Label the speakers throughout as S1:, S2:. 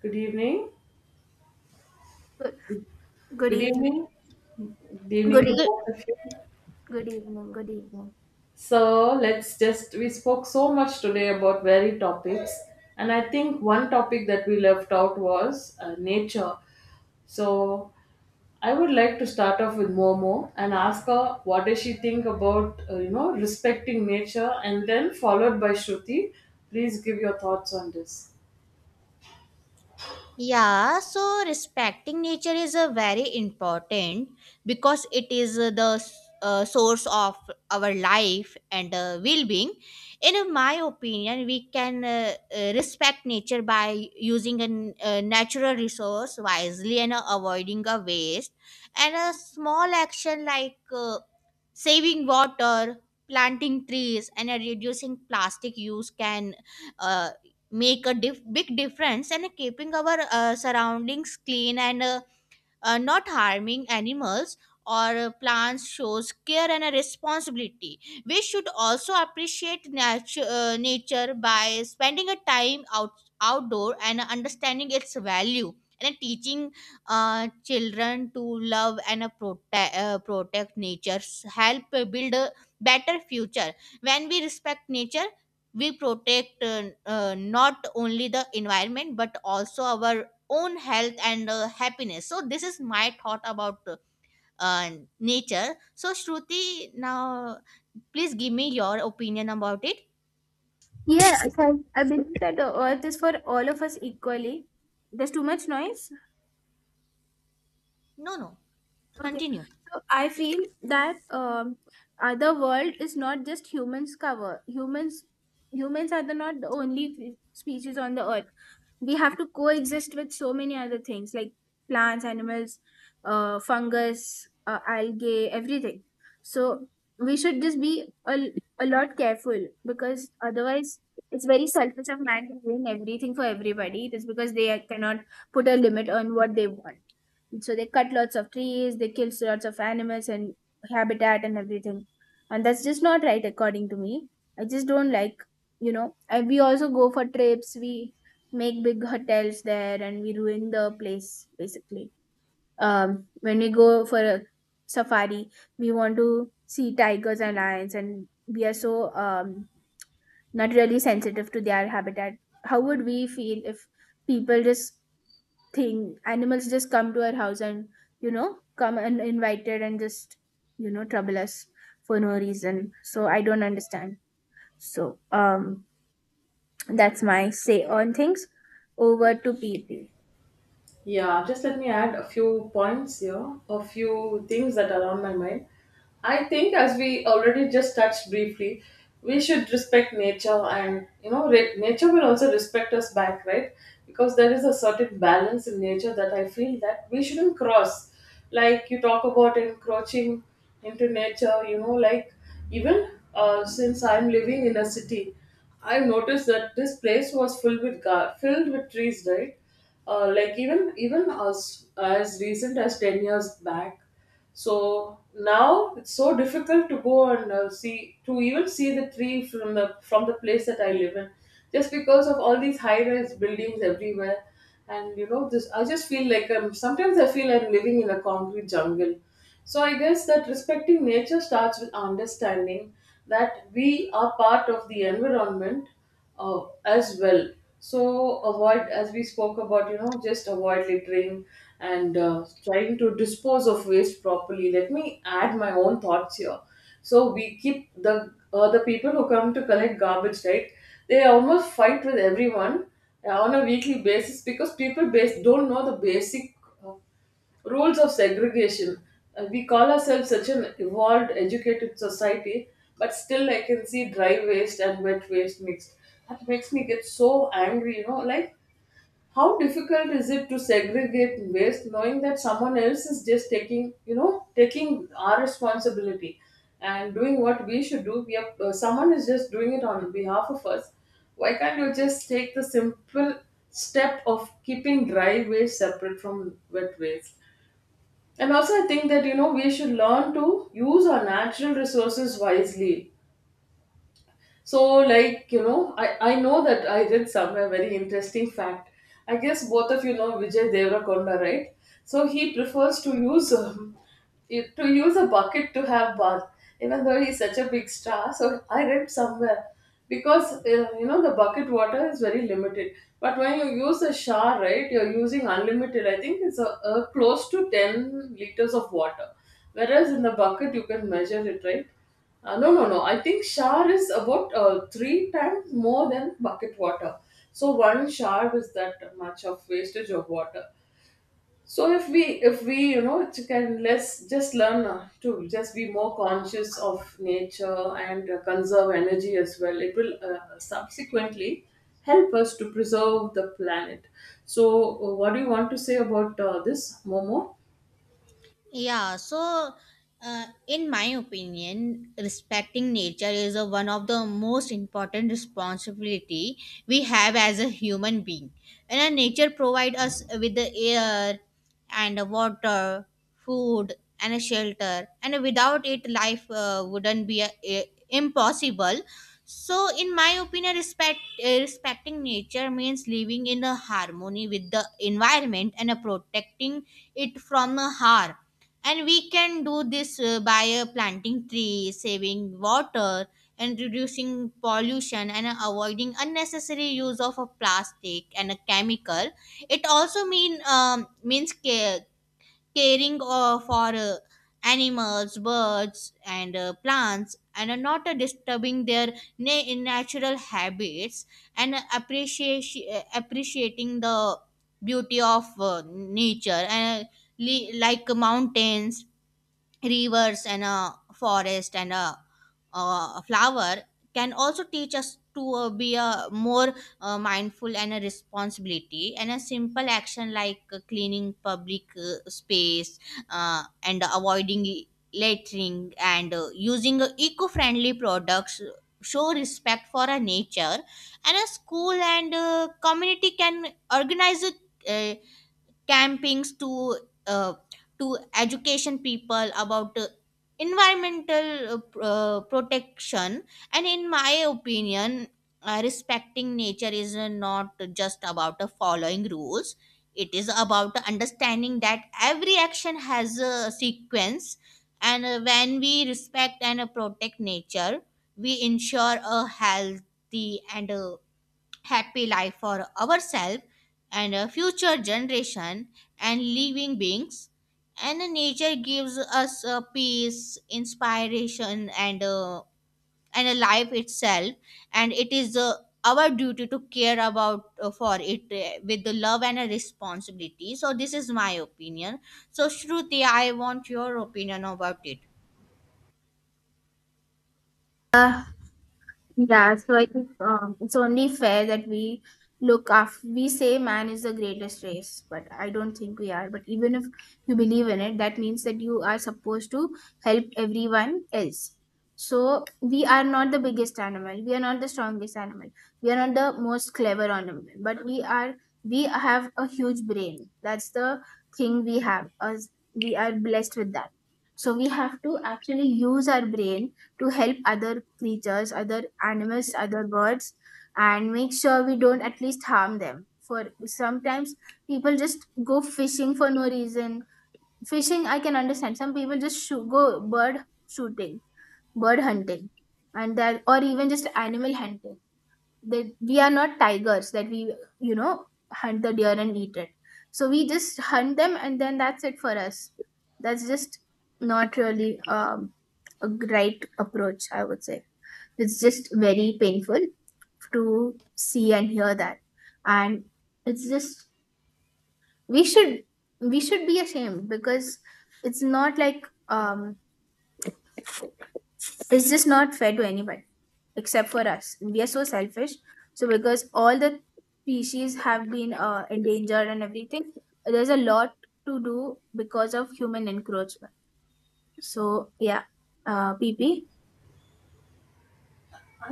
S1: Good evening.
S2: Good, good
S1: Good
S2: evening.
S1: evening. Good
S2: Good
S1: evening to
S2: evening.
S3: The,
S1: both of you.
S2: Good evening. Good evening.
S1: So let's just we spoke so much today about varied topics, and I think one topic that we left out was nature. So I would like to start off with Momo and ask her what does she think about respecting nature, and then followed by Shruti. Please give your thoughts on this.
S3: yeah, so respecting nature is a very important because it is the source of our life and well-being. In my opinion, we can respect nature by using a natural resource wisely and avoiding a waste. And a small action like saving water, planting trees, and reducing plastic use can. Uh, Make a big difference in keeping our surroundings clean and not harming animals or plants shows care and a responsibility. We should also appreciate nature by spending a time out outdoor and understanding its value, and teaching children to love and protect nature, help build a better future. When we respect nature, we protect not only the environment but also our own health and happiness. So this is my thought about uh, nature. So Shruti now, please give me your opinion about it.
S2: Yeah. I believe that the earth is for all of us equally. There's too much noise.
S3: No, no,
S2: Okay,
S3: continue.
S2: so I feel that the world is not just humans cover. Humans are the not the only species on the earth. We have to coexist with so many other things like plants, animals, fungus, algae, everything. So we should just be a lot careful because otherwise it's very selfish of man to doing everything for everybody. It is because they cannot put a limit on what they want, so they cut lots of trees, they kill lots of animals and habitat and everything, and that's just not right according to me. I just don't like, and we also go for trips, we make big hotels there and we ruin the place basically. When we go for a safari, we want to see tigers and lions and we are so not really sensitive to their habitat. How would we feel if people just thing animals just come to our house and, you know, come and invited and just, you know, trouble us for no reason? So I don't understand. So that's my say on things. Over to PP.
S1: Yeah, just let me add a few points here, a few things that are on my mind. I think, as we already just touched briefly, we should respect nature, and you know, nature will also respect us back, right? Because there is a certain balance in nature that I feel that we shouldn't cross. Like you talk about encroaching into nature, you know, like even since I'm living in a city, I noticed that this place was filled with filled with trees, right? Like even as recent as 10 years back. So now it's so difficult to go and see to even see the tree from the place that I live in, just because of all these high rise buildings everywhere. And you know, this I just feel like I'm sometimes I feel I'm living in a concrete jungle. So I guess that respecting nature starts with understanding that we are part of the environment as well. So avoid, as we spoke about, you know, just avoid littering and trying to dispose of waste properly. Let me add my own thoughts here. So we keep the people who come to collect garbage, right? They almost fight with everyone on a weekly basis because don't know the basic uh, rules of segregation. We call ourselves such an evolved, educated society, but still I can see dry waste and wet waste mixed. That makes me get so angry, you know. Like, how difficult is it to segregate waste knowing that someone else is just taking, you know, taking our responsibility and doing what we should do? Someone is just doing it on behalf of us. Why can't you just take the simple step of keeping dry waste separate from wet waste? And also, I think that you know, we should learn to use our natural resources wisely. So like, you know, I know that I read somewhere very interesting fact. I guess both of you know Vijay Devrakonda, right? So he prefers to use a bucket to have bath, even though he's such a big star, so I read somewhere. Because you know, the bucket water is very limited, but when you use a shower, right, you're using unlimited. I think it's a close to 10 liters of water, whereas in the bucket you can measure it, right? No, no, no. I think shower is about three times more than bucket water. So one shower is that much of wastage of water. So if we, you know, it can let's just learn to just be more conscious of nature and conserve energy as well. It will subsequently help us to preserve the planet. So what do you want to say about this, Momo?
S3: Yeah, so in my opinion, respecting nature is a, one of the most important responsibility we have as a human being. And nature provides us with the air and water, food, and a shelter. And without it, life wouldn't be impossible. So, in my opinion, respecting nature means living in a harmony with the environment and protecting it from harm. And we can do this by planting trees, saving water, and reducing pollution, and avoiding unnecessary use of a plastic and a chemical. It also means care, caring for animals, birds, and plants, and not disturbing their natural habits, and appreciation appreciating the beauty of nature, and like mountains, rivers, and a forest, and a flower, can also teach us to be a more mindful and a responsibility. And a simple action like cleaning public space, and avoiding littering, and using eco-friendly products show respect for our nature. And a school and community can organize a, uh, campings to, uh, to education people about environmental protection. And in my opinion, respecting nature is not just about following rules. It is about understanding that every action has a sequence. And when we respect and protect nature, we ensure a healthy and happy life for ourselves and a future generation and living beings. And nature gives us a peace, inspiration, and a life itself. And it is our duty to care about, for it with the love and a responsibility. So this is my opinion. So Shruti, I want your opinion about it.
S2: Uh, Yeah, so I think it's only fair that we look after, we say man is the greatest race, but I don't think we are. But even if you believe in it, that means that you are supposed to help everyone else. So we are not the biggest animal, we are not the strongest animal, we are not the most clever animal, but we are, we have a huge brain. That's the thing we have, as we are blessed with that. So we have to actually use our brain to help other creatures, other animals, other birds, and make sure we don't at least harm them. For sometimes people just go fishing for no reason. Fishing, I can understand. Some people just go bird shooting, bird hunting, and that, or even just animal hunting. That we are not tigers that we, you know, hunt the deer and eat it. So we just hunt them, and then that's it for us. That's just not really a right approach, I would say. It's just very painful to see and hear that. And it's just we should we should be ashamed because it's not like it's just not fair to anybody except for us. We are so selfish. So because all the species have been endangered and everything, there's a lot to do because of human encroachment. So yeah, PP,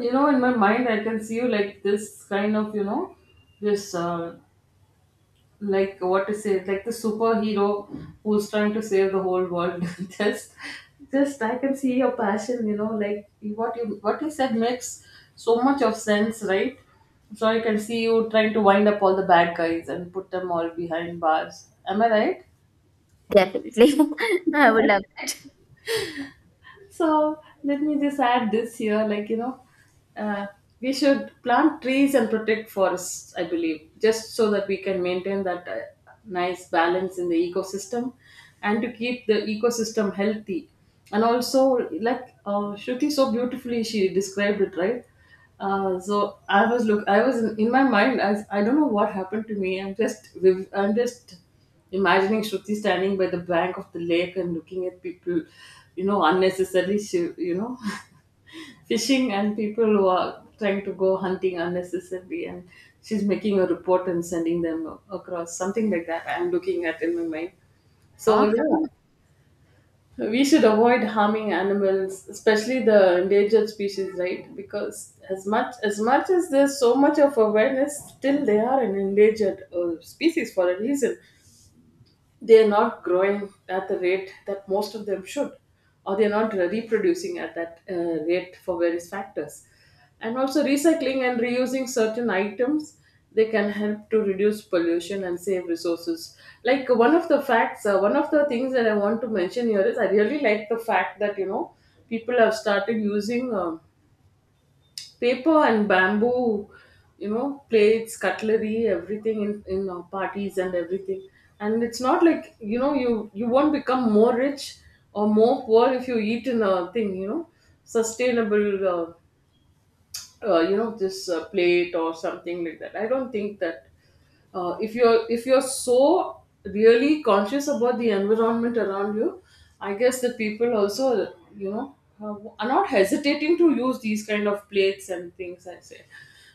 S1: You know, in my mind, I can see you like this kind of, you know, this like what to say, like the superhero who's trying to save the whole world just just I can see your passion, you know. Like what you said makes so much of sense, right? So I can see you trying to wind up all the bad guys and put them all behind bars. Am I right?
S2: definitely. I would love
S1: So let me just add this here, like uh, we should plant trees and protect forests. I believe just so that we can maintain that nice balance in the ecosystem, and to keep the ecosystem healthy. And also, like Shruti so beautifully she described it, right? So I was look. I was in my mind. I don't know what happened to me. I'm just imagining Shruti standing by the bank of the lake and looking at people, you know, unnecessarily, fishing and people who are trying to go hunting unnecessarily, and she's making a report and sending them across something like that. I'm looking at in my mind.
S2: to
S1: So
S2: know.
S1: yeah, we should avoid harming animals, especially the endangered species, right? Because as much as much as there's so much of awareness, still they are an endangered species for a reason. They're not growing at the rate that most of them should, or they're not reproducing at that rate for various factors. And also, recycling and reusing certain items, they can help to reduce pollution and save resources. Like one of the facts, one of the things that I want to mention here is I really like the fact that you know, people have started using. Paper and bamboo, you know, plates, cutlery, everything in our parties and everything. And it's not like, you know, you won't become more rich or more poor if you eat in a thing, you know, sustainable. You know, this plate or something like that. I don't think that if you're so really conscious about the environment around you, I guess the people also, you know, are not hesitating to use these kind of plates and things, I say.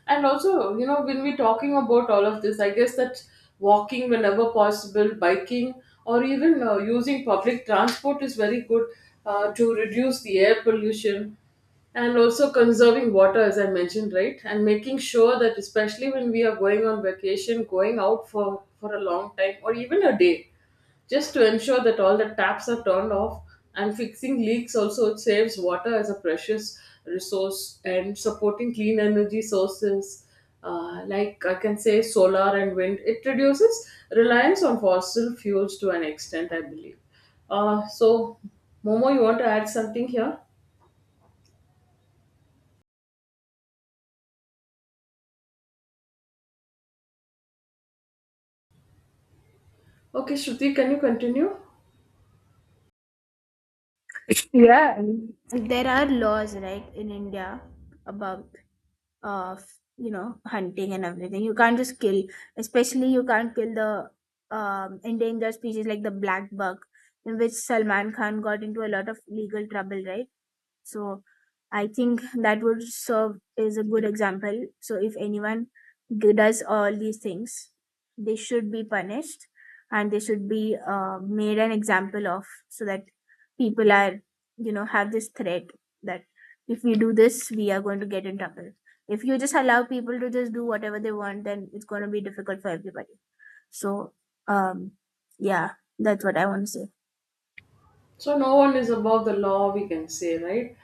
S1: And also, you know, when we're talking about all of this, I guess that walking whenever possible, biking, or even using public transport is very good to reduce the air pollution. And also conserving water, as I mentioned, right, and making sure that especially when we are going on vacation, going out for a long time or even a day, just to ensure that all the taps are turned off and fixing leaks also, it saves water as a precious resource. And supporting clean energy sources, like I can say solar and wind, it reduces reliance on fossil fuels to an extent, I believe. So Momo, you want to add something here? Okay, Shruti, can you continue?
S2: Yeah. There are laws, right, in India about you know hunting and everything. You can't just kill, especially you can't kill the endangered species like the black buck, in which Salman Khan got into a lot of legal trouble, right? So I think that would serve as a good example. So if anyone does all these things, they should be punished and they should be made an example of, so that people are, you know, have this threat that if we do this, we are going to get in trouble. If you just allow people to just do whatever they want, then it's going to be difficult for everybody. So, um, yeah, that's what I want to say.
S1: So no one is above the law, we can say, right?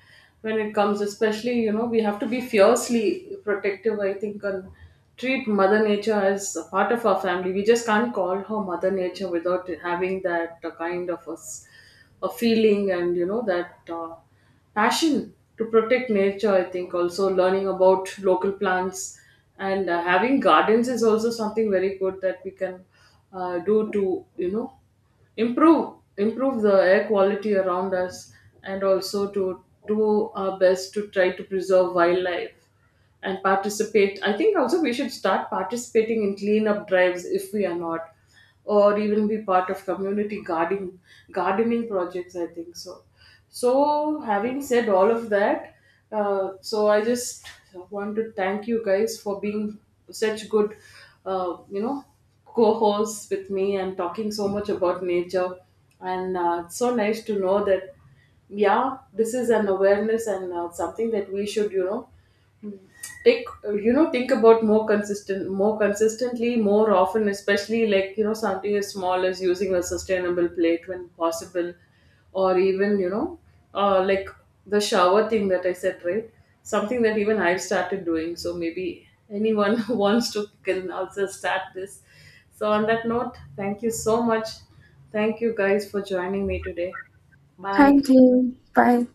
S1: When it comes, especially, you know, we have to be fiercely protective, I think, and treat Mother Nature as a part of our family. We just can't call her Mother Nature without having that kind of a feeling and, you know, that passion to protect nature, I think. Also learning about local plants and having gardens is also something very good that we can do to, you know, improve the air quality around us, and also to do our best to try to preserve wildlife and participate. I think also we should start participating in cleanup drives if we are not, or even be part of community gardening gardening projects, I think so. So having said all of that, so I just want to thank you guys for being such good, you know, co-hosts with me and talking so much about nature. And it's so nice to know that yeah, this is an awareness and something that we should, you know, take, you know, think about more consistently, more often, especially like, you know, something as small as using a sustainable plate when possible, or even, you know, like the shower thing that I said, right? Something that even I've started doing, so maybe anyone who wants to can also start this. So on that note, thank you so much. Thank you guys for joining me today. Bye.
S2: Thank you. Bye.